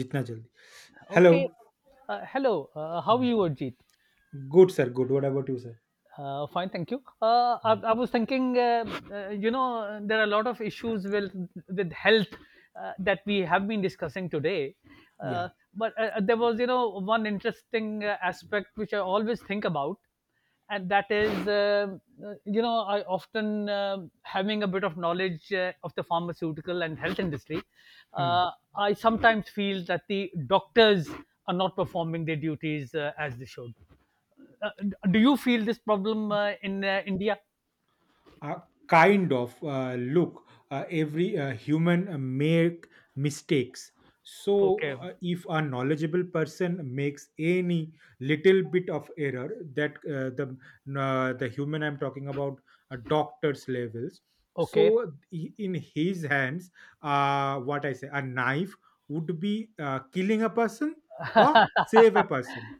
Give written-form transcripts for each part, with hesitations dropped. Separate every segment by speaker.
Speaker 1: जितना जल्दी hello
Speaker 2: Okay. Hello. How are you, Ajit?
Speaker 1: Good sir good what about you sir
Speaker 2: Fine, thank you. I was thinking, there are a lot of issues with health, that we have been discussing today. But there was, one interesting aspect which I always think about. And that is, I often having a bit of knowledge of the pharmaceutical and health industry.
Speaker 1: या
Speaker 2: Uh, I sometimes feel that the doctors are not performing their duties as they should. uh, do you feel this problem in India?
Speaker 1: uh, kind of look, every human make mistakes.
Speaker 2: Okay,
Speaker 1: So if a knowledgeable person makes any little bit of error, that the human I'm talking about, doctors levels.
Speaker 2: okay,
Speaker 1: So in his hands, what I say, a knife would be killing a person or save a person.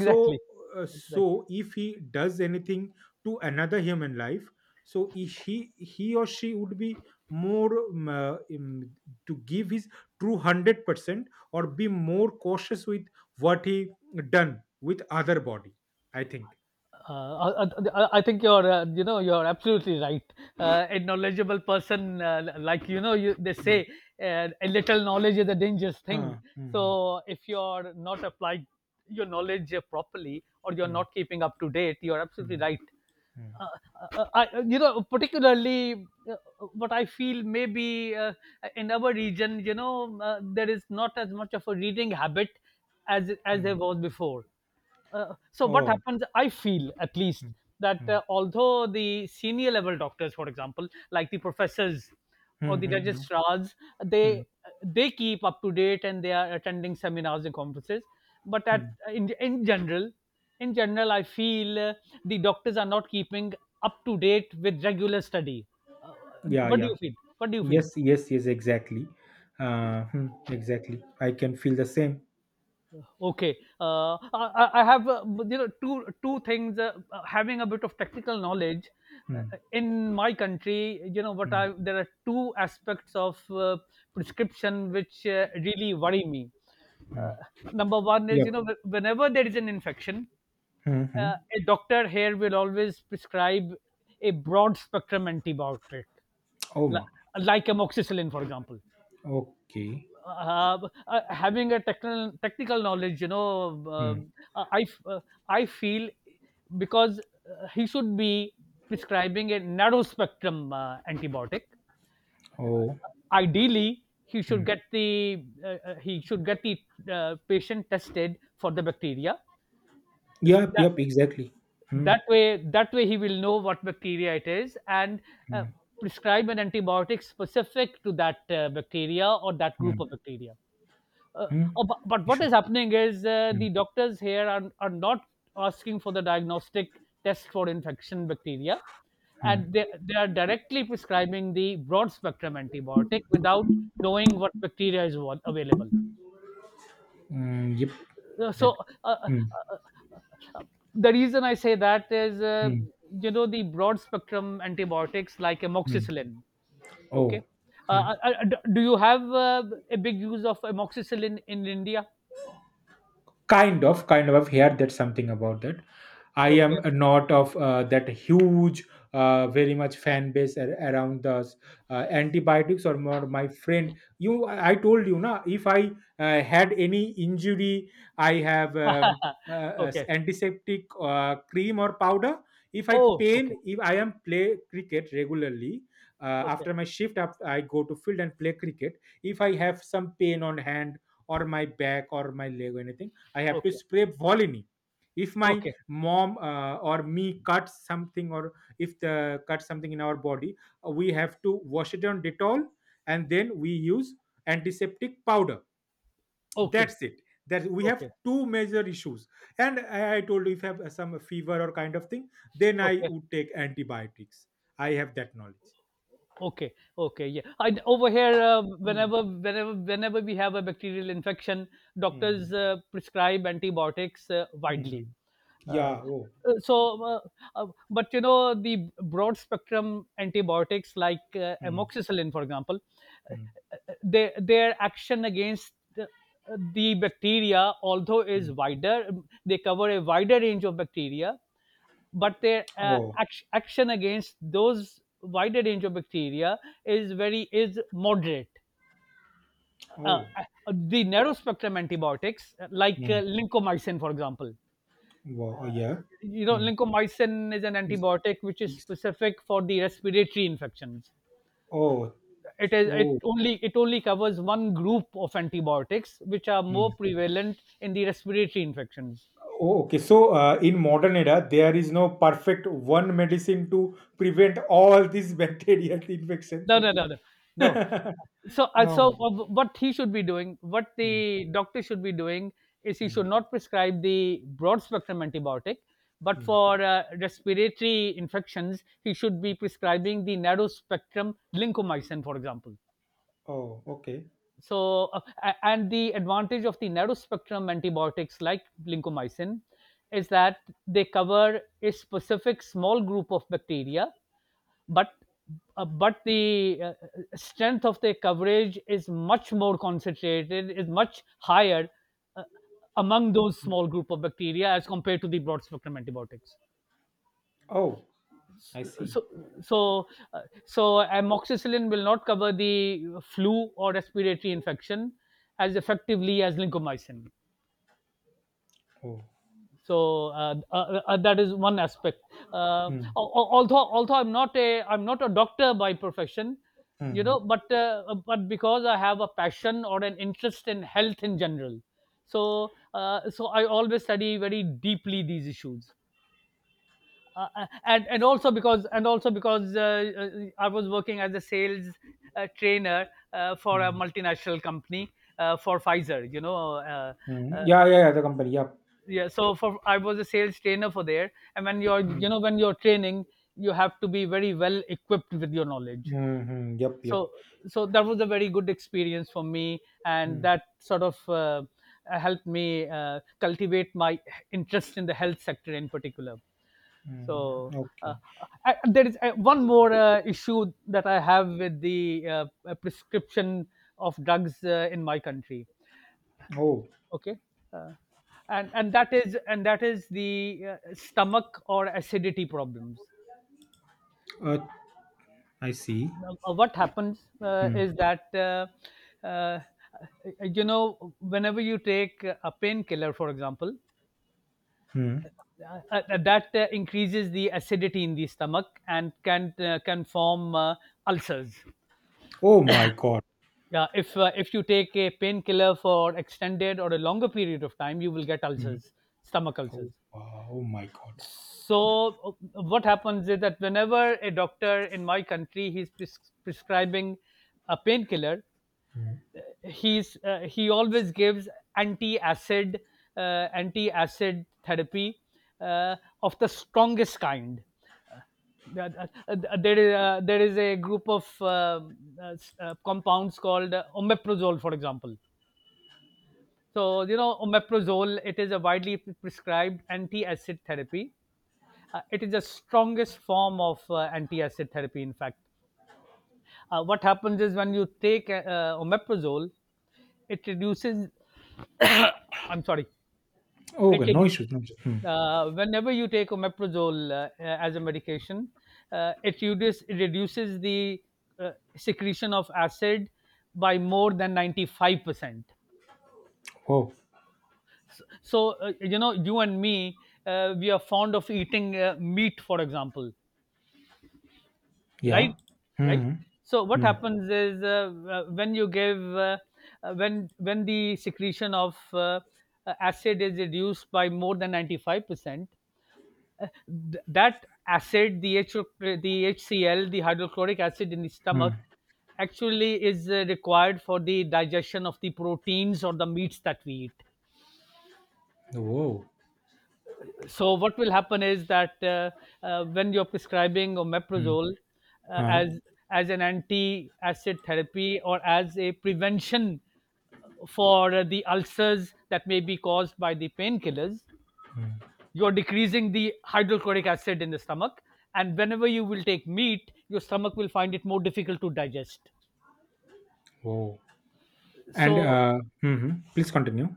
Speaker 1: So so
Speaker 2: exactly.
Speaker 1: if he does anything to another human life, so he or she would be more to give his true 100% or be more cautious with what he done with other body, I think.
Speaker 2: Uh, I, I think you're absolutely right. A knowledgeable person, you, they
Speaker 1: Mm.
Speaker 2: say, a little knowledge is a dangerous thing.
Speaker 1: Ah, mhm,
Speaker 2: So if you're not applying your knowledge properly, or you're
Speaker 1: mm,
Speaker 2: not keeping up to date, you're absolutely
Speaker 1: mm,
Speaker 2: right.
Speaker 1: mm,
Speaker 2: Uh, particularly what I feel maybe in our region, there is not as much of a reading habit as there
Speaker 1: mm.
Speaker 2: was before. So what
Speaker 1: Oh,
Speaker 2: happens, I feel at least,
Speaker 1: mm,
Speaker 2: that
Speaker 1: mm,
Speaker 2: although the senior level doctors, for example, like the professors
Speaker 1: mm,
Speaker 2: or the
Speaker 1: mm, mm,
Speaker 2: registrars,
Speaker 1: mm,
Speaker 2: they they keep up to date and they are attending seminars and conferences. But at
Speaker 1: mm.
Speaker 2: in, in general, I feel the doctors are not keeping up to date with regular study. uh,
Speaker 1: Yeah,
Speaker 2: what do
Speaker 1: yeah.
Speaker 2: you feel? What do you feel?
Speaker 1: Yes, yes, yes, exactly. uh, hmm, exactly, I can feel the same.
Speaker 2: Okay, I have two things. Having a bit of technical knowledge
Speaker 1: Hmm.
Speaker 2: in my country, you know what
Speaker 1: Hmm.
Speaker 2: I there are two aspects of prescription which really worry me.
Speaker 1: Hmm.
Speaker 2: Uh, Number one is,
Speaker 1: Yep.
Speaker 2: whenever there is an infection,
Speaker 1: Mhm.
Speaker 2: a doctor here will always prescribe a broad spectrum antibiotic,
Speaker 1: Oh, ma.
Speaker 2: li- like amoxicillin, for example.
Speaker 1: Okay.
Speaker 2: Uh, uh, having a technical knowledge,
Speaker 1: Hmm.
Speaker 2: um, uh, i f- uh, I feel, because he should be prescribing a narrow spectrum antibiotic. uh,
Speaker 1: Oh.
Speaker 2: Ideally he should
Speaker 1: Mm.
Speaker 2: get the uh, uh, he should get the patient tested for the bacteria. S-
Speaker 1: Yep,
Speaker 2: that,
Speaker 1: yep, exactly. Mm,
Speaker 2: that way he will know what bacteria it is, and uh,
Speaker 1: mm,
Speaker 2: prescribe an antibiotic specific to that bacteria or that group
Speaker 1: mm,
Speaker 2: of bacteria. uh,
Speaker 1: mm.
Speaker 2: oh, but
Speaker 1: You
Speaker 2: what
Speaker 1: should.
Speaker 2: is happening is
Speaker 1: Mm,
Speaker 2: the doctors here are not asking for the diagnostic test for infection bacteria, and they,
Speaker 1: mm,
Speaker 2: they are directly prescribing the broad spectrum antibiotic without knowing what bacteria is available.
Speaker 1: mm, yep. That.
Speaker 2: So, uh, uh,
Speaker 1: Mm,
Speaker 2: uh, uh, the reason I say that is,
Speaker 1: mm,
Speaker 2: the broad spectrum antibiotics like
Speaker 1: mm.
Speaker 2: amoxicillin. Okay.
Speaker 1: Oh. Mm.
Speaker 2: Do you have a big use of amoxicillin in India?
Speaker 1: Kind of, I've heard that, something about that. I am
Speaker 2: Okay.
Speaker 1: not of that huge, very much fan base around the antibiotics or more. My friend, you, I told you na, if I had any injury, I have as
Speaker 2: Okay.
Speaker 1: antiseptic cream or powder. If I
Speaker 2: Oh,
Speaker 1: pain,
Speaker 2: okay.
Speaker 1: if I am play cricket regularly,
Speaker 2: Okay.
Speaker 1: after my shift up, I go to field and play cricket. If I have some pain on hand or my back or my leg or anything, I have to
Speaker 2: Okay.
Speaker 1: spray Volini. If my
Speaker 2: Okay.
Speaker 1: mom or me cuts something, or if the cuts something in our body, we have to wash it on Dettol, and then we use antiseptic powder.
Speaker 2: Okay.
Speaker 1: That's it. That we have
Speaker 2: Okay.
Speaker 1: two major issues. And I told you if I have some fever or kind of thing, then I
Speaker 2: Okay.
Speaker 1: would take antibiotics. I have that knowledge.
Speaker 2: Okay. Okay. Yeah. I over here,
Speaker 1: Mm,
Speaker 2: whenever we have a bacterial infection,
Speaker 1: mm,
Speaker 2: doctors prescribe antibiotics widely.
Speaker 1: mhm.
Speaker 2: Uh,
Speaker 1: Yeah. Oh.
Speaker 2: so, but you know, the broad spectrum antibiotics like
Speaker 1: Mm,
Speaker 2: amoxicillin, for example, uh,
Speaker 1: mm,
Speaker 2: their action against the bacteria, although is
Speaker 1: mm.
Speaker 2: wider, they cover a wider range of bacteria, but their
Speaker 1: Oh.
Speaker 2: action against those wider range of bacteria is very is moderate.
Speaker 1: Oh.
Speaker 2: The narrow spectrum antibiotics, like
Speaker 1: Mm.
Speaker 2: lincomycin, for example.
Speaker 1: Wow.
Speaker 2: uh,
Speaker 1: Yeah. Mm.
Speaker 2: Lincomycin is an antibiotic which is specific for the respiratory infections.
Speaker 1: Oh, oh,
Speaker 2: It only covers one group of antibiotics which are more
Speaker 1: mm.
Speaker 2: prevalent in the respiratory infections.
Speaker 1: Oh, okay. So, in modern era, there is no perfect one medicine to prevent all these bacterial infections,
Speaker 2: No,
Speaker 1: I
Speaker 2: no,
Speaker 1: think.
Speaker 2: no, no, no. So,
Speaker 1: Oh, my God.
Speaker 2: what he should be doing, what
Speaker 1: Mm,
Speaker 2: the doctor should be doing, is he
Speaker 1: mm,
Speaker 2: should not prescribe the broad spectrum antibiotic, but
Speaker 1: mm.
Speaker 2: for respiratory infections, he should be prescribing the narrow spectrum lincomycin, for example.
Speaker 1: Oh, okay.
Speaker 2: And the advantage of the narrow spectrum antibiotics like lincomycin is that they cover a specific small group of bacteria. but but the strength of their coverage is much more concentrated is much higher uh, among those
Speaker 1: Mm.
Speaker 2: small group of bacteria as compared to the broad spectrum antibiotics.
Speaker 1: Oh, I see.
Speaker 2: So so uh, so amoxicillin will not cover the flu or respiratory infection as effectively as lincomycin.
Speaker 1: Oh,
Speaker 2: That is one aspect. uh,
Speaker 1: mm,
Speaker 2: al- al- although although I'm not a doctor by profession,
Speaker 1: mm,
Speaker 2: but because I have a passion or an interest in health in general. So I always study very deeply these issues. And also because I was working as a sales trainer for a
Speaker 1: mm,
Speaker 2: multinational company, for Pfizer. You know,
Speaker 1: mm.
Speaker 2: uh,
Speaker 1: Yeah, yeah, yeah, the company. Yep.
Speaker 2: yeah. So for I was a sales trainer for there, and when
Speaker 1: Mm,
Speaker 2: you're training, you have to be very well equipped with your knowledge.
Speaker 1: mm, yep, yep.
Speaker 2: So so that was a very good experience for me, and
Speaker 1: Mm,
Speaker 2: that sort of. Helped me cultivate my interest in the health sector in particular.
Speaker 1: mm,
Speaker 2: so uh,
Speaker 1: okay.
Speaker 2: there is one more issue that I have with the prescription of drugs in my country.
Speaker 1: Oh,
Speaker 2: Okay. Uh, and and that is and that is the stomach or acidity problems.
Speaker 1: uh, I see.
Speaker 2: Now, what happens
Speaker 1: Mm,
Speaker 2: is that, uh, uh, whenever you take a painkiller, for example,
Speaker 1: mm.
Speaker 2: that increases the acidity in the stomach and can form ulcers.
Speaker 1: Oh, my God.
Speaker 2: Yeah, if you take a painkiller for extended or a longer period of time, you will get
Speaker 1: Hmm.
Speaker 2: ulcers, stomach
Speaker 1: Oh,
Speaker 2: ulcers.
Speaker 1: wow, oh my God.
Speaker 2: So, what happens is that whenever a doctor in my country, prescribing a painkiller,
Speaker 1: Hmm.
Speaker 2: he always gives anti-acid, anti-acid therapy uh, of the strongest kind. Uh, uh, uh, there is a group of compounds called omeprazole, for example. So, omeprazole, it is a widely prescribed anti-acid therapy. It is the strongest form of anti-acid therapy, in fact. What happens is when you take omeprazole, it reduces, I'm sorry,
Speaker 1: Oh, okay, no
Speaker 2: it,
Speaker 1: issues. No issues. Hmm.
Speaker 2: whenever you take omeprazole, as a medication, it reduces the uh, secretion of acid by more than 95%.
Speaker 1: Oh,
Speaker 2: So, you and me, we are fond of eating meat, for example,
Speaker 1: yeah.
Speaker 2: right? Right?
Speaker 1: Hmm.
Speaker 2: So what
Speaker 1: Hmm.
Speaker 2: happens is, when you give uh, when the secretion of acid is reduced by more than 95%. That acid, the HCl, the hydrochloric acid in the
Speaker 1: Hmm.
Speaker 2: stomach actually is required for the digestion of the proteins or the meats that we eat.
Speaker 1: Whoa.
Speaker 2: So what will happen is that, when you're prescribing
Speaker 1: Hmm.
Speaker 2: omeprazole
Speaker 1: Huh.
Speaker 2: as an anti-acid therapy or as a prevention for the ulcers that may be caused by the painkillers,
Speaker 1: Hmm.
Speaker 2: you're decreasing the hydrochloric acid in the stomach. And whenever you will take meat, your stomach will find it more difficult to digest.
Speaker 1: Whoa. And
Speaker 2: So,
Speaker 1: hmm, hmm, please continue.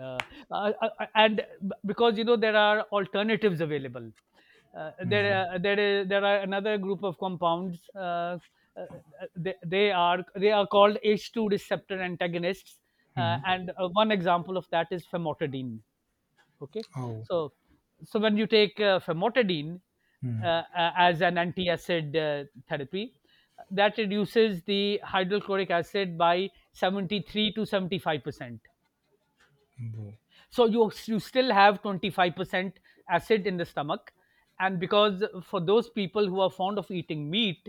Speaker 2: Uh, because you know there are alternatives available.
Speaker 1: Hmm.
Speaker 2: There are another group of compounds, uh, they are called H2 receptor antagonists,
Speaker 1: Hmm.
Speaker 2: and one example of that is famotidine. Okay.
Speaker 1: Oh.
Speaker 2: So so when you take famotidine
Speaker 1: Hmm.
Speaker 2: as an antiacid therapy that reduces the hydrochloric acid by 73 to 75%.
Speaker 1: Whoa.
Speaker 2: So you still have 25% acid in the stomach. And because for those people who are fond of eating meat,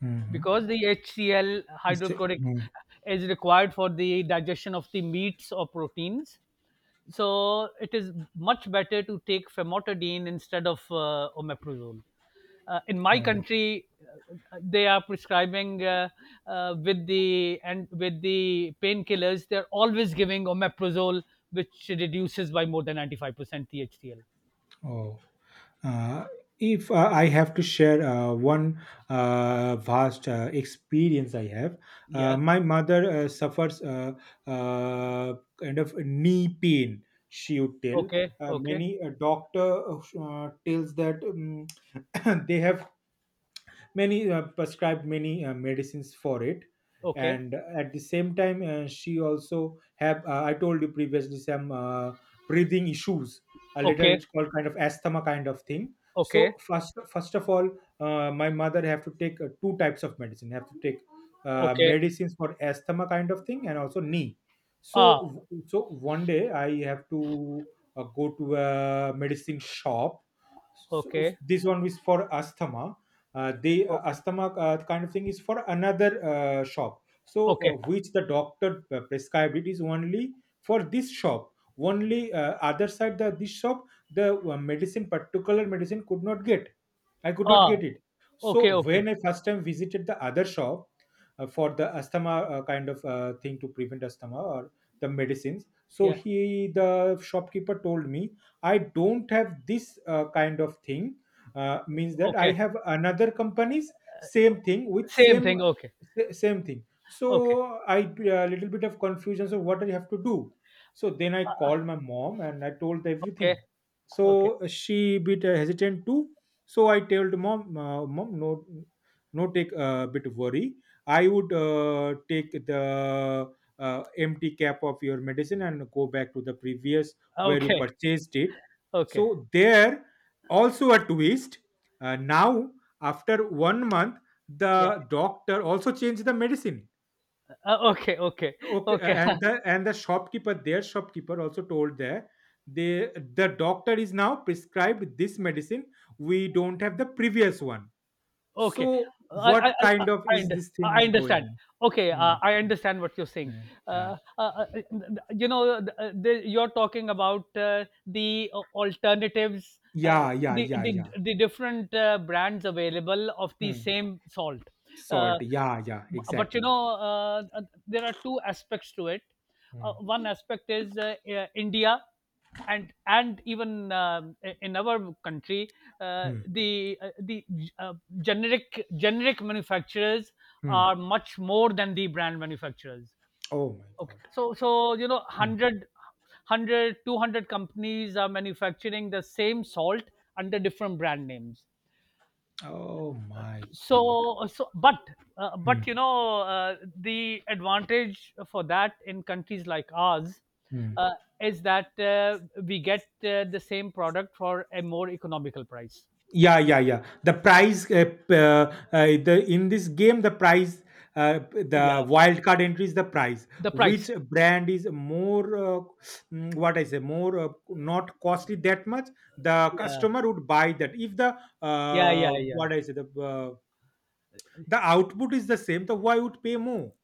Speaker 1: Hmm. Hmm.
Speaker 2: because the HCl
Speaker 1: Is it?
Speaker 2: hydrochloric
Speaker 1: Hmm.
Speaker 2: is required for the digestion of the meats or proteins, so it is much better to take famotidine instead of omeprazole. In my
Speaker 1: Oh.
Speaker 2: country, uh, they are prescribing, with the painkillers they're always giving omeprazole, which reduces by more than 95%. Thtl
Speaker 1: Oh. Uh, if I have to share one vast experience I have,
Speaker 2: Yeah.
Speaker 1: my mother suffers kind of knee pain. She would tell
Speaker 2: Okay, okay,
Speaker 1: many a doctor tells that they have many prescribed many medicines for it.
Speaker 2: okay,
Speaker 1: And at the same time, she also have, I told you previously, some breathing issues, later
Speaker 2: okay,
Speaker 1: it's called kind of asthma kind of thing.
Speaker 2: okay,
Speaker 1: So first of all, my mother have to take two types of medicine have to take,
Speaker 2: okay.
Speaker 1: medicines for asthma kind of thing and also knee.
Speaker 2: Ah.
Speaker 1: So so one day I have to go to a medicine shop. So
Speaker 2: Okay,
Speaker 1: this one is for asthma. They
Speaker 2: okay,
Speaker 1: asthma kind of thing is for another shop. So
Speaker 2: okay.
Speaker 1: which the doctor prescribed it is only for this shop only. Other side the this shop, the medicine particular medicine could not get. I could not
Speaker 2: Ah.
Speaker 1: get it.
Speaker 2: Okay,
Speaker 1: So
Speaker 2: okay.
Speaker 1: when I first time visited the other shop for the asthma, kind of thing to prevent asthma, or the medicines, so
Speaker 2: Yeah.
Speaker 1: he, the shopkeeper, told me, I don't have this kind of thing, means that I
Speaker 2: Okay,
Speaker 1: have another companies, same thing with
Speaker 2: same
Speaker 1: same,
Speaker 2: thing. Okay,
Speaker 1: same thing. So
Speaker 2: okay,
Speaker 1: I, a little bit of confusion, so what I have to do. So then I called my mom and I told
Speaker 2: okay.
Speaker 1: everything. So
Speaker 2: Okay.
Speaker 1: she bit hesitant too. So I told mom, mom, no, no, take a bit worry. I would take the empty cap of your medicine and go back to the previous where you
Speaker 2: Okay.
Speaker 1: purchased it.
Speaker 2: Okay.
Speaker 1: So there, also a twist. Now, after 1 month,
Speaker 2: Yeah.
Speaker 1: the doctor also changed the medicine.
Speaker 2: Okay. Okay.
Speaker 1: Okay,
Speaker 2: Okay.
Speaker 1: and the shopkeeper, their shopkeeper also told there, they, the doctor is now prescribed this medicine. We don't have the previous one.
Speaker 2: Okay.
Speaker 1: So
Speaker 2: I I I
Speaker 1: what
Speaker 2: I
Speaker 1: kind of
Speaker 2: I
Speaker 1: is
Speaker 2: und-
Speaker 1: this thing
Speaker 2: I
Speaker 1: is going
Speaker 2: understand. Okay,
Speaker 1: on?
Speaker 2: I understand what you're saying.
Speaker 1: Mm, yeah,
Speaker 2: Uh, uh, uh, you're talking about the alternatives, uh,
Speaker 1: yeah, yeah, yeah,
Speaker 2: the,
Speaker 1: yeah,
Speaker 2: the
Speaker 1: yeah.
Speaker 2: the different brands available of the
Speaker 1: Hmm.
Speaker 2: same salt. Uh,
Speaker 1: Salt. Yeah, yeah,
Speaker 2: but you
Speaker 1: exactly.
Speaker 2: know, there are two aspects to it.
Speaker 1: Hmm.
Speaker 2: One aspect is India and even in our country
Speaker 1: Hmm.
Speaker 2: the uh, generic manufacturers
Speaker 1: Hmm.
Speaker 2: are much more than the brand manufacturers.
Speaker 1: Oh my
Speaker 2: Okay,
Speaker 1: god.
Speaker 2: so you know,
Speaker 1: Hmm.
Speaker 2: hundred hundred two hundred companies are manufacturing the same salt under different brand names.
Speaker 1: Oh my god.
Speaker 2: So
Speaker 1: Hmm,
Speaker 2: but you know, the advantage for that in countries like ours
Speaker 1: hmm.
Speaker 2: uh, is that we get the same product for a more economical price.
Speaker 1: Yeah, yeah, yeah. The prize, the, in this game, the prize,
Speaker 2: Yeah,
Speaker 1: the wild card entry is the prize.
Speaker 2: the price.
Speaker 1: Which brand is more, what I say, more not costly that much? The
Speaker 2: Yeah,
Speaker 1: customer would buy that. If the
Speaker 2: yeah, yeah, yeah.
Speaker 1: what I say, the output is the same, the why would pay more?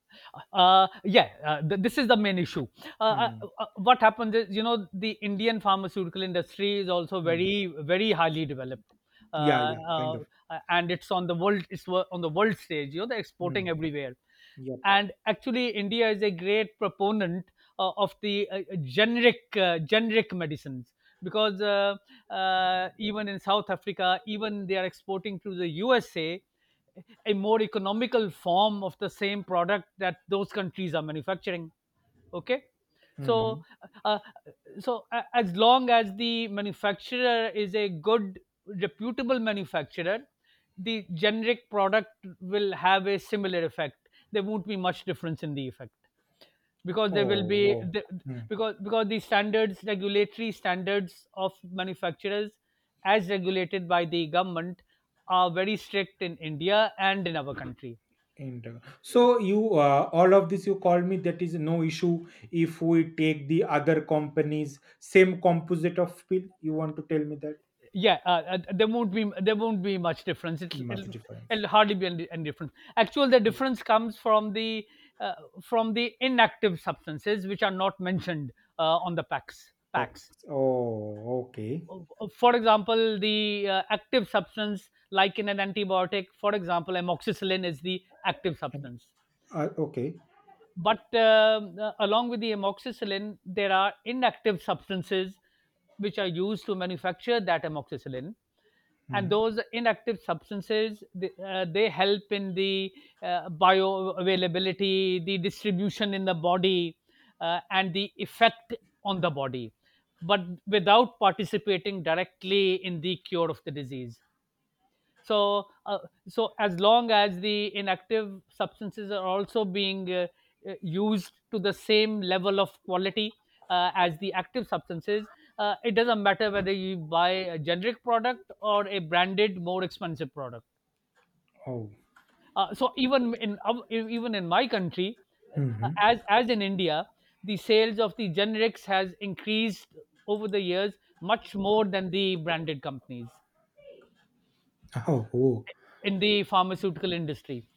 Speaker 2: Yeah, this is the main issue. uh, uh,
Speaker 1: Hmm,
Speaker 2: what happens is, you know, the Indian pharmaceutical industry is also
Speaker 1: hmm.
Speaker 2: very, very highly developed.
Speaker 1: Yeah,
Speaker 2: uh,
Speaker 1: yeah, kind
Speaker 2: uh,
Speaker 1: of.
Speaker 2: and it's on the world, it's on the world stage. You know, they're
Speaker 1: Hmm.
Speaker 2: exporting everywhere.
Speaker 1: Yep.
Speaker 2: And actually India is a great proponent of the generic medicines, because even in South Africa, even they are exporting to the USA a more economical form of the same product that those countries are manufacturing. Okay. So
Speaker 1: Hmm.
Speaker 2: uh, as long as the manufacturer is a good, reputable manufacturer, the generic product will have a similar effect. There won't be much difference in the effect, because there
Speaker 1: Oh,
Speaker 2: will be
Speaker 1: wow.
Speaker 2: because the standards, regulatory standards of manufacturers as regulated by the government are very strict in India and in our country.
Speaker 1: Inter- so you all of this you called me that is no issue if we take the other companies same composite of pill. You want to tell me that
Speaker 2: Yeah, there won't be much difference.
Speaker 1: much difference?
Speaker 2: It'll hardly be any difference. Actually, the difference comes uh, from the inactive substances which are not mentioned on the packs.
Speaker 1: Packs. Oh, okay.
Speaker 2: For example, the active substance, like in an antibiotic, for example, amoxicillin is the active
Speaker 1: And
Speaker 2: substance.
Speaker 1: okay.
Speaker 2: But along with the amoxicillin, there are inactive substances which are used to manufacture that amoxicillin.
Speaker 1: Hmm.
Speaker 2: And those inactive substances, they help in the bioavailability, the distribution in the body, and the effect on the body, but without participating directly in the cure of the disease. So uh, so as long as the inactive substances are also being used to the same level of quality as the active substances, it doesn't matter whether you buy a generic product or a branded, more expensive product.
Speaker 1: Oh.
Speaker 2: So even in even in my country, uh,
Speaker 1: Hmm.
Speaker 2: as as in India, the sales of the generics has increased over the years much more than the branded companies
Speaker 1: Oh, oh.
Speaker 2: in the pharmaceutical industry.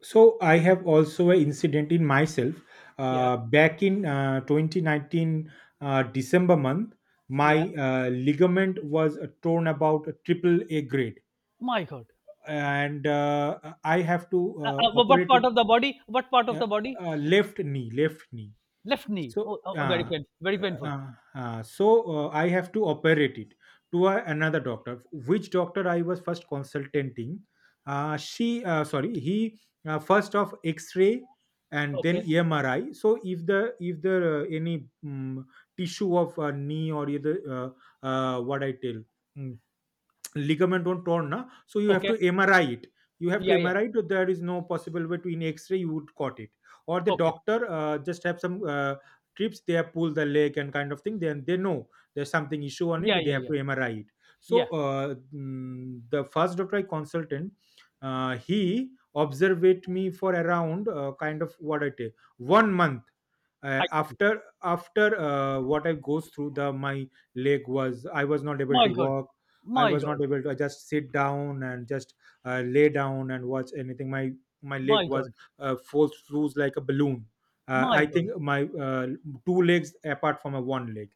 Speaker 1: So I have also an incident in myself.
Speaker 2: Yeah,
Speaker 1: Back in 2019 December month,
Speaker 2: yeah.
Speaker 1: my ligament was torn about a triple A grade,
Speaker 2: My God!
Speaker 1: and I have to
Speaker 2: What
Speaker 1: operate it.
Speaker 2: part of the body? What part of
Speaker 1: uh,
Speaker 2: the body?
Speaker 1: left knee, left knee.
Speaker 2: Left knee.
Speaker 1: So,
Speaker 2: Oh, oh, oh, very painful. Very painful.
Speaker 1: so I have to operate it. To a, another doctor, which doctor I was first consulting. She, sorry, he first of X-ray and then
Speaker 2: Okay.
Speaker 1: MRI. So if the if there any tissue of knee or either what I tell. mm, ligament won't torn na, so you have
Speaker 2: Okay.
Speaker 1: to MRI it. you have
Speaker 2: Yeah.
Speaker 1: to
Speaker 2: Yeah.
Speaker 1: mri it There is no possible way to, in X-ray you would caught it, or the
Speaker 2: Okay.
Speaker 1: doctor just have some trips, they have pulled the leg and kind of thing, then they know there's something issue on
Speaker 2: Yeah.
Speaker 1: it, they
Speaker 2: Yeah.
Speaker 1: have to
Speaker 2: Yeah.
Speaker 1: MRI it. So
Speaker 2: Yeah.
Speaker 1: the first doctor I consultant, he observed me for around kind of what I take 1 month. uh,
Speaker 2: I see.
Speaker 1: after after uh, what I goes through, the my leg was, I was not able to
Speaker 2: My God.
Speaker 1: walk. I
Speaker 2: My
Speaker 1: was not
Speaker 2: God.
Speaker 1: able to, I just sit down and just lay down and watch anything. My leg
Speaker 2: My
Speaker 1: was
Speaker 2: God.
Speaker 1: falls through like a balloon. I
Speaker 2: My God.
Speaker 1: think my two legs apart from a one leg.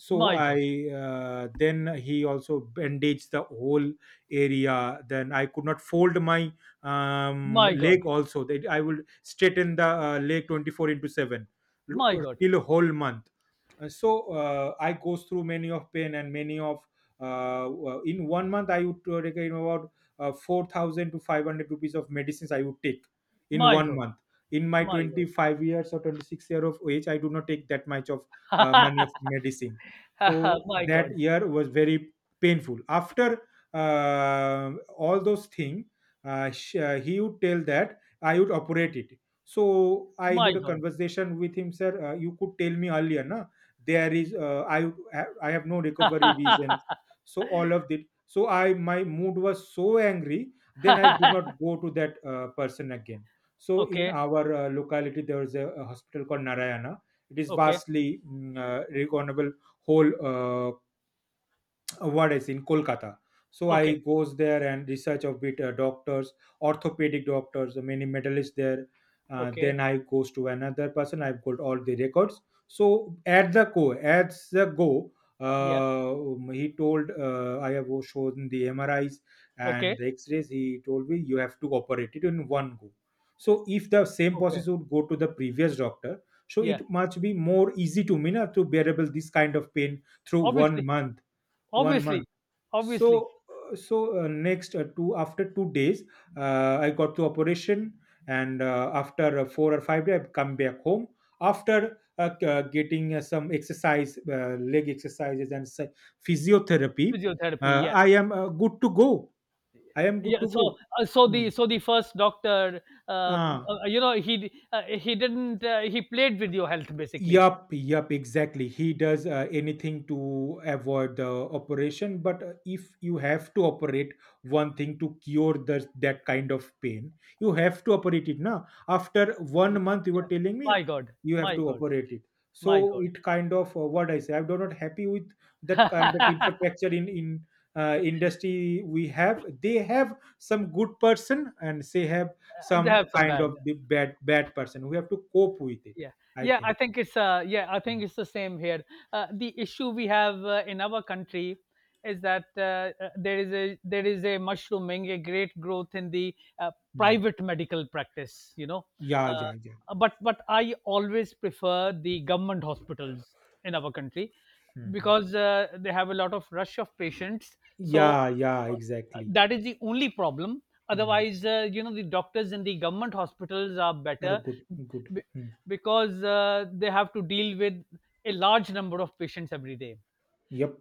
Speaker 1: So
Speaker 2: My
Speaker 1: I,
Speaker 2: God.
Speaker 1: then he also bandaged the whole area. Then I could not fold my
Speaker 2: My God.
Speaker 1: leg also, that I will straighten the leg 24 into 7
Speaker 2: My God.
Speaker 1: till whole month. So I goes through many of pain and many of in 1 month, I would take, you know, about 4,000 to 500 rupees of medicines I would take in
Speaker 2: My
Speaker 1: one
Speaker 2: God.
Speaker 1: month In my
Speaker 2: My God.
Speaker 1: 25 years or 26 year of age, I do not take that much of money of medicine. So
Speaker 2: My
Speaker 1: that
Speaker 2: God.
Speaker 1: year was very painful. After all those things, he would tell that I would operate it. So I
Speaker 2: My
Speaker 1: had a
Speaker 2: God.
Speaker 1: conversation with him, sir, you could tell me earlier na, there is I have no recovery reasons. So all of it, so I, my mood was so angry. Then I did not go to that person again. So in
Speaker 2: Okay.
Speaker 1: our locality there is a hospital called Narayana. It is
Speaker 2: Okay.
Speaker 1: vastly recognizable whole what is in Kolkata. So I
Speaker 2: Okay.
Speaker 1: goes there and research a bit doctors, orthopedic doctors, many medalists there.
Speaker 2: Okay.
Speaker 1: Then I goes to another person. I've got all the records. So at the go,
Speaker 2: Yeah.
Speaker 1: he told, I have shown the MRIs
Speaker 2: Okay.
Speaker 1: and the X-rays. He told me you have to operate it in one go. So if the same
Speaker 2: Okay.
Speaker 1: process would go to the previous doctor, so
Speaker 2: Yeah.
Speaker 1: it must be more easy to me na, to bearable this kind of pain through
Speaker 2: Obviously.
Speaker 1: one
Speaker 2: Obviously.
Speaker 1: month
Speaker 2: Obviously.
Speaker 1: So next 2 days, I got to operation. And after 4 or 5 days I come back home. After getting some exercise, leg exercises and physiotherapy,
Speaker 2: Physiotherapy. Yeah.
Speaker 1: I am good to go. i am good
Speaker 2: Yeah,
Speaker 1: to
Speaker 2: so
Speaker 1: go
Speaker 2: uh, so
Speaker 1: Hmm.
Speaker 2: the so the first doctor,
Speaker 1: Ah.
Speaker 2: you know, he d- he didn't he played with your health, basically.
Speaker 1: Yup, yup, exactly. He does anything to avoid the operation. But if you have to operate one thing to cure that kind of pain, you have to operate it now. After 1 month, you were
Speaker 2: Yeah,
Speaker 1: telling
Speaker 2: my
Speaker 1: me
Speaker 2: God,
Speaker 1: you have
Speaker 2: my
Speaker 1: to
Speaker 2: God,
Speaker 1: operate it.
Speaker 2: my
Speaker 1: So
Speaker 2: God.
Speaker 1: it kind of what I say. I'm not happy with that kind of infrastructure in industry we have. They have some good person and they have
Speaker 2: They
Speaker 1: some
Speaker 2: have some
Speaker 1: kind
Speaker 2: bad.
Speaker 1: of the bad person. We have to cope with it.
Speaker 2: Yeah,
Speaker 1: I
Speaker 2: yeah
Speaker 1: think.
Speaker 2: I think it's the same here. The issue we have in our country is that there is a mushrooming, a great growth in the
Speaker 1: Hmm.
Speaker 2: private medical practice, you know.
Speaker 1: Yeah,
Speaker 2: uh,
Speaker 1: yeah, yeah.
Speaker 2: but I always prefer the government hospitals in our country,
Speaker 1: Mhm.
Speaker 2: because they have a lot of rush of patients. So
Speaker 1: Yeah, yeah,
Speaker 2: uh,
Speaker 1: exactly.
Speaker 2: that is the only problem.
Speaker 1: Hmm.
Speaker 2: Otherwise, you know, the doctors in the government hospitals are
Speaker 1: Are
Speaker 2: better,
Speaker 1: good, good.
Speaker 2: b-
Speaker 1: Hmm.
Speaker 2: because they have to deal with a large number of patients every day.
Speaker 1: Yep.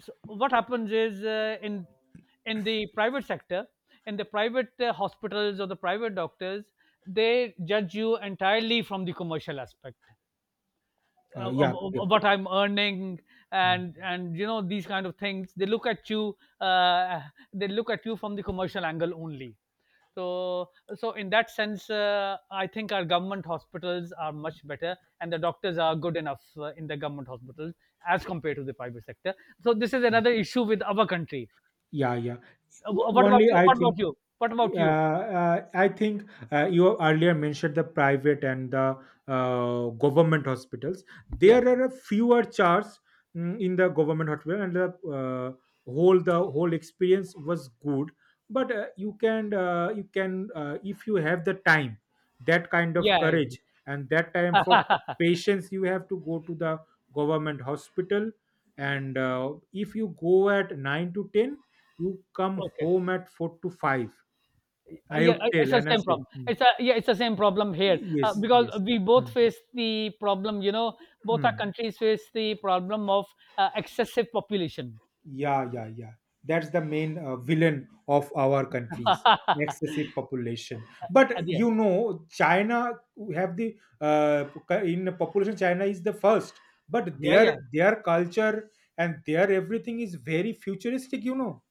Speaker 2: So what happens is, in the private sector, in the private hospitals or the private doctors, they judge you entirely from the commercial aspect of,
Speaker 1: Yeah, yep.
Speaker 2: of what I'm earning,
Speaker 1: Hmm.
Speaker 2: and you know, these kind of things. They look at you. They look at you from the commercial angle only. So so in that sense, I think our government hospitals are much better, and the doctors are good enough in the government hospitals as compared to the private sector. So this is
Speaker 1: Hmm.
Speaker 2: another issue with our country.
Speaker 1: Yeah, yeah.
Speaker 2: What about
Speaker 1: Only
Speaker 2: you?
Speaker 1: I
Speaker 2: What
Speaker 1: think,
Speaker 2: about you? What about
Speaker 1: uh,
Speaker 2: you?
Speaker 1: uh, I think you earlier mentioned the private and the government hospitals.
Speaker 2: Yeah,
Speaker 1: There are a fewer charges in the government hospital, and the uh, whole experience was good. But you can if you have the time, that kind of
Speaker 2: yeah,
Speaker 1: courage and that time for
Speaker 2: yeah.
Speaker 1: patience, you have to go to the government hospital. And if you go at 9 to 10, you come
Speaker 2: Okay.
Speaker 1: home at 4 to 5. I
Speaker 2: Yeah,
Speaker 1: would
Speaker 2: it's
Speaker 1: tell
Speaker 2: the
Speaker 1: and I
Speaker 2: same
Speaker 1: say,
Speaker 2: problem.
Speaker 1: mm,
Speaker 2: It's a Yeah, it's the same problem here,
Speaker 1: yes,
Speaker 2: because
Speaker 1: yes.
Speaker 2: we both
Speaker 1: Mm,
Speaker 2: face the problem. You know, both our
Speaker 1: mm.
Speaker 2: countries face the problem of excessive population.
Speaker 1: Yeah, yeah, yeah. That's the main villain of our countries, excessive population. But
Speaker 2: And yeah,
Speaker 1: China have the uh, in population, China is the first, but
Speaker 2: yeah,
Speaker 1: their
Speaker 2: yeah,
Speaker 1: their culture and their everything is very futuristic.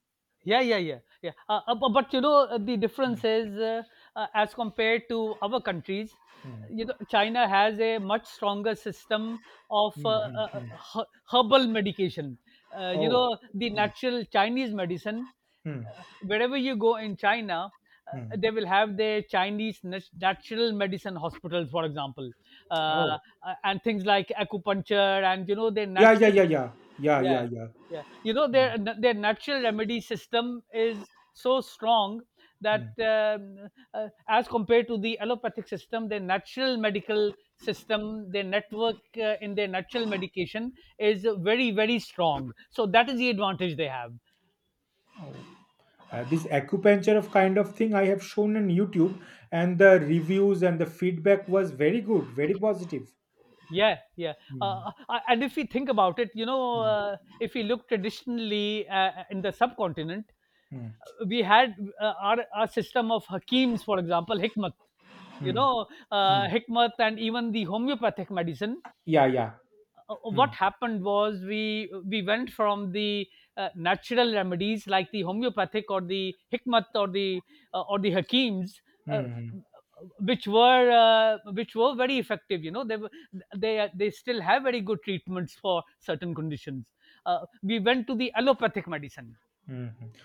Speaker 2: yeah, yeah, yeah, yeah. But you know, the difference
Speaker 1: Mm,
Speaker 2: is, as compared to our countries. You
Speaker 1: mm,
Speaker 2: know, China has a much stronger system of
Speaker 1: mm, mm, mm.
Speaker 2: herbal medication. You
Speaker 1: Oh.
Speaker 2: know, the
Speaker 1: Mm,
Speaker 2: natural Chinese medicine,
Speaker 1: mm,
Speaker 2: wherever you go in China,
Speaker 1: mm.
Speaker 2: they will have their Chinese natural medicine hospitals, for example. uh, uh,
Speaker 1: Oh,
Speaker 2: and things like acupuncture and, you know, their
Speaker 1: yeah, yeah,
Speaker 2: natural,
Speaker 1: yeah, yeah, yeah, yeah,
Speaker 2: yeah,
Speaker 1: yeah.
Speaker 2: yeah, you know,
Speaker 1: Mm,
Speaker 2: their natural remedy system is so strong that
Speaker 1: mm.
Speaker 2: as compared to the allopathic system, their natural medical system, their network in their natural medication is very, very strong. So that is the advantage they have.
Speaker 1: Oh. This acupuncture of kind of thing I have shown on YouTube, and the reviews and the feedback was very good, very positive.
Speaker 2: Yeah, yeah.
Speaker 1: Mm,
Speaker 2: And if we think about it, you know,
Speaker 1: mm,
Speaker 2: if we look traditionally in the subcontinent,
Speaker 1: mm,
Speaker 2: we had our system of Hakims, for example, Hikmat. You
Speaker 1: mm,
Speaker 2: know,
Speaker 1: mm.
Speaker 2: Hikmat and even the homeopathic medicine.
Speaker 1: Yeah, yeah.
Speaker 2: What
Speaker 1: Mm,
Speaker 2: happened was, we went from the natural remedies like the homeopathic or the Hikmat or the Hakims. Uh,
Speaker 1: mm,
Speaker 2: which were very effective. You know, they were, they still have very good treatments for certain conditions. We went to the allopathic medicine.
Speaker 1: mm, mm.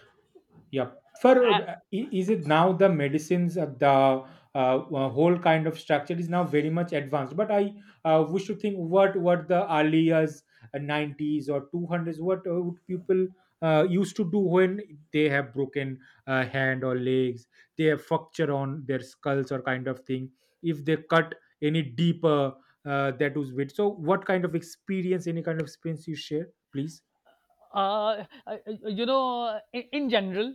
Speaker 1: Yeah. For, is it now the medicines the whole kind of structure is now very much advanced. But I we should think what the earliest nineties or two hundreds, what would people used to do when they have broken hand or legs, they have fracture on their skulls or kind of thing. If they cut any deeper, that was with. So what kind of experience, any kind of experience you share, please?
Speaker 2: uh, uh, uh, you know, in general,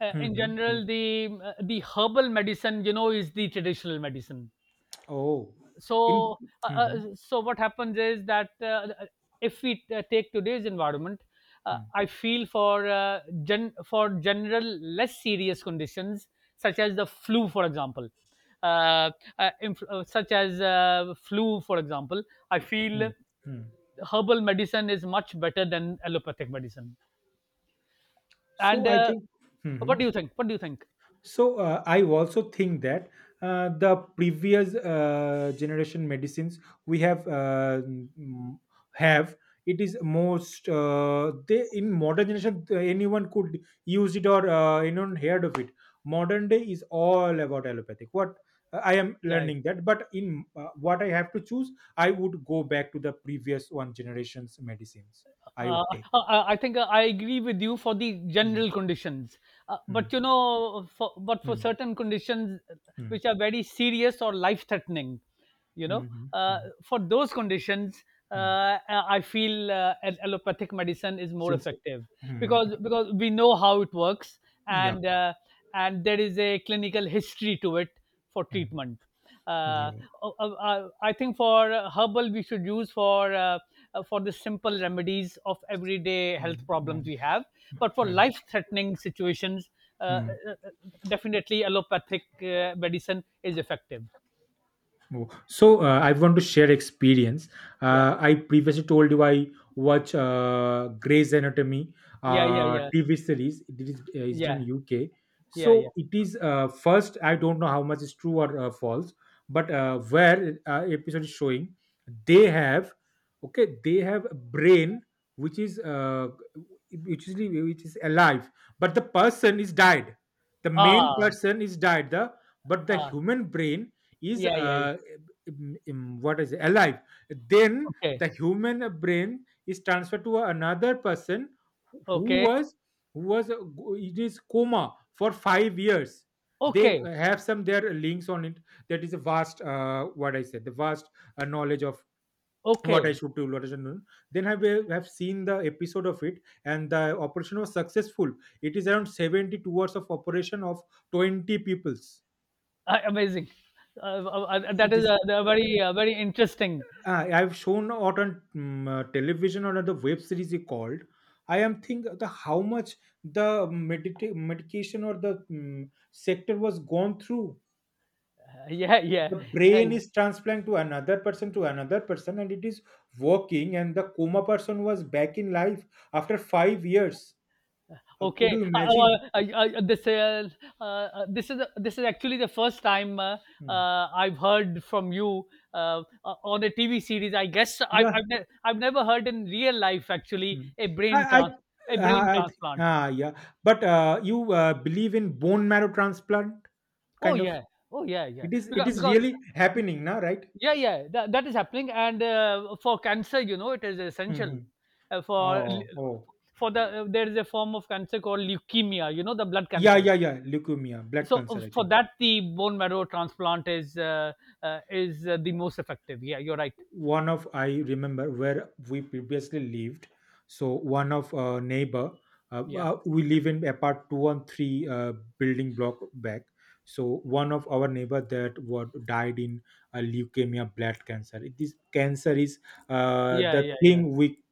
Speaker 2: in
Speaker 1: Hmm.
Speaker 2: general, the herbal medicine, you know, is the traditional medicine.
Speaker 1: Oh, in.
Speaker 2: So
Speaker 1: Mhm.
Speaker 2: so what happens is that, if we take today's environment,
Speaker 1: Mm,
Speaker 2: I feel for for general, less serious conditions, such as the flu, for example, uh, inf- such as flu for example I feel
Speaker 1: mm, mm.
Speaker 2: herbal medicine is much better than allopathic medicine.
Speaker 1: So
Speaker 2: And
Speaker 1: I think.
Speaker 2: what
Speaker 1: Mhm.
Speaker 2: do you think? What do you think?
Speaker 1: So I also think that the previous generation medicines we have, have, it is most, they in modern generation, anyone could use it or anyone heard of it. Modern day is all about allopathic. What I am
Speaker 2: Yeah, yeah.
Speaker 1: learning that, but in what I have to choose, I would go back to the previous one generation's medicines. I
Speaker 2: Uh,
Speaker 1: would take.
Speaker 2: I think I agree with you for the
Speaker 1: Mm,
Speaker 2: general conditions, but
Speaker 1: mm,
Speaker 2: you know, but for
Speaker 1: mm,
Speaker 2: certain conditions
Speaker 1: mm.
Speaker 2: which are very serious or life-threatening, you know,
Speaker 1: Mhm,
Speaker 2: uh,
Speaker 1: mhm,
Speaker 2: for those conditions,
Speaker 1: mhm.
Speaker 2: I feel allopathic medicine is more
Speaker 1: Since
Speaker 2: effective,
Speaker 1: mhm,
Speaker 2: because we know how it works,
Speaker 1: yep.
Speaker 2: and uh, and there is a clinical history to it for
Speaker 1: Mm,
Speaker 2: treatment. Uh,
Speaker 1: yeah.
Speaker 2: I think for herbal, we should use for the simple remedies of everyday health
Speaker 1: Mm,
Speaker 2: problems
Speaker 1: mm,
Speaker 2: we have. But for
Speaker 1: mm,
Speaker 2: life threatening situations, uh,
Speaker 1: mm.
Speaker 2: uh, uh, definitely allopathic medicine is effective.
Speaker 1: Oh, so I want to share experience.
Speaker 2: Yeah,
Speaker 1: I previously told you I watch Grey's Anatomy
Speaker 2: yeah, yeah, yeah,
Speaker 1: TV series. It's in
Speaker 2: yeah,
Speaker 1: UK.
Speaker 2: yeah, yeah.
Speaker 1: So it is first. I don't know how much is true or false, but where episode is showing, they have, okay. They have a brain which is uh, which is alive, but the person is died. The main
Speaker 2: Ah,
Speaker 1: person is died. The But the
Speaker 2: ah,
Speaker 1: human brain is,
Speaker 2: yeah, yeah, yeah.
Speaker 1: what is it? Alive. Then the
Speaker 2: Okay,
Speaker 1: human brain is transferred to another person, who
Speaker 2: okay,
Speaker 1: was who was in his coma for 5 years. They
Speaker 2: okay,
Speaker 1: have some their links on it. That is a vast, what I said, the vast knowledge of what i
Speaker 2: okay.
Speaker 1: should do what i should do Then have seen the episode of it, and the operation was successful. It is around 72 hours of operation of 20 peoples.
Speaker 2: Ah, amazing. That
Speaker 1: It
Speaker 2: is
Speaker 1: is
Speaker 2: a very, uh, very interesting.
Speaker 1: I've shown out on television or on the web series he called. I am think the how much the medication or the sector was gone through.
Speaker 2: Yeah, yeah,
Speaker 1: The
Speaker 2: uh,
Speaker 1: brain is transplant to another person, and it is working. And the coma person was back in life after 5 years. How could you
Speaker 2: okay,
Speaker 1: imagine?
Speaker 2: this uh, this is, this is actually the first time
Speaker 1: Hmm.
Speaker 2: I've heard from you on a TV series. I guess
Speaker 1: Yeah.
Speaker 2: I've never heard in real life actually
Speaker 1: Hmm.
Speaker 2: a
Speaker 1: I,
Speaker 2: brain
Speaker 1: I,
Speaker 2: trans a
Speaker 1: I,
Speaker 2: brain
Speaker 1: I
Speaker 2: transplant.
Speaker 1: ah, yeah. But you believe in bone marrow transplant,
Speaker 2: Oh
Speaker 1: kind of?
Speaker 2: yeah, oh yeah, yeah.
Speaker 1: It is it
Speaker 2: Because
Speaker 1: is really happening now, right?
Speaker 2: yeah, yeah, that, that is happening. And for cancer, you know, it is essential
Speaker 1: Hmm.
Speaker 2: uh, for
Speaker 1: Oh, oh,
Speaker 2: for the there is a form of cancer called leukemia. You know, the blood
Speaker 1: yeah,
Speaker 2: cancer.
Speaker 1: yeah, yeah. Leukemia, blood
Speaker 2: So
Speaker 1: cancer. I
Speaker 2: for
Speaker 1: think
Speaker 2: that, the bone marrow transplant is the most effective. Yeah, you're right.
Speaker 1: one of I remember where we previously lived. So one of neighbor,
Speaker 2: Yeah,
Speaker 1: we live in apart two and three building block back. So one of our neighbor that what died in leukemia, blood cancer. This cancer is
Speaker 2: yeah,
Speaker 1: the
Speaker 2: yeah, yeah,
Speaker 1: thing we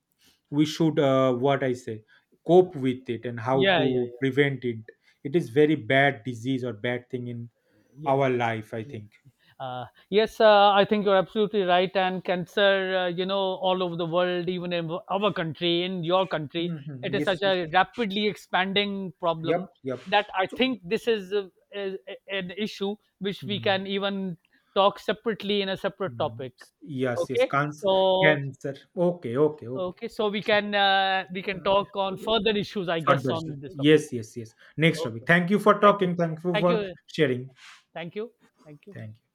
Speaker 1: we should, what I say, cope with it and how
Speaker 2: yeah, yeah,
Speaker 1: to
Speaker 2: yeah,
Speaker 1: prevent it. It is very bad disease or bad thing in
Speaker 2: yeah,
Speaker 1: our life, I
Speaker 2: yeah.
Speaker 1: think.
Speaker 2: Uh, yes, I think you're absolutely right. And cancer, you know, all over the world, even in our country, in your country,
Speaker 1: Mhm.
Speaker 2: it is
Speaker 1: Yes,
Speaker 2: such
Speaker 1: yes.
Speaker 2: a rapidly expanding problem
Speaker 1: Yep, yep.
Speaker 2: that I think this is, is an issue which we
Speaker 1: Mm,
Speaker 2: can even talk separately in a separate
Speaker 1: mm.
Speaker 2: topic.
Speaker 1: Yes, yes.
Speaker 2: Okay, so
Speaker 1: Cancer. Okay, okay, okay.
Speaker 2: Okay, so
Speaker 1: So,
Speaker 2: we can talk on
Speaker 1: to-
Speaker 2: further issues, I guess,
Speaker 1: further,
Speaker 2: on this topic.
Speaker 1: yes, yes, yes. Next topic.
Speaker 2: Okay,
Speaker 1: Thank you for
Speaker 2: thank you,
Speaker 1: talking, thank you
Speaker 2: thank
Speaker 1: for
Speaker 2: you,
Speaker 1: sharing,
Speaker 2: thank you, thank you.
Speaker 1: thank you.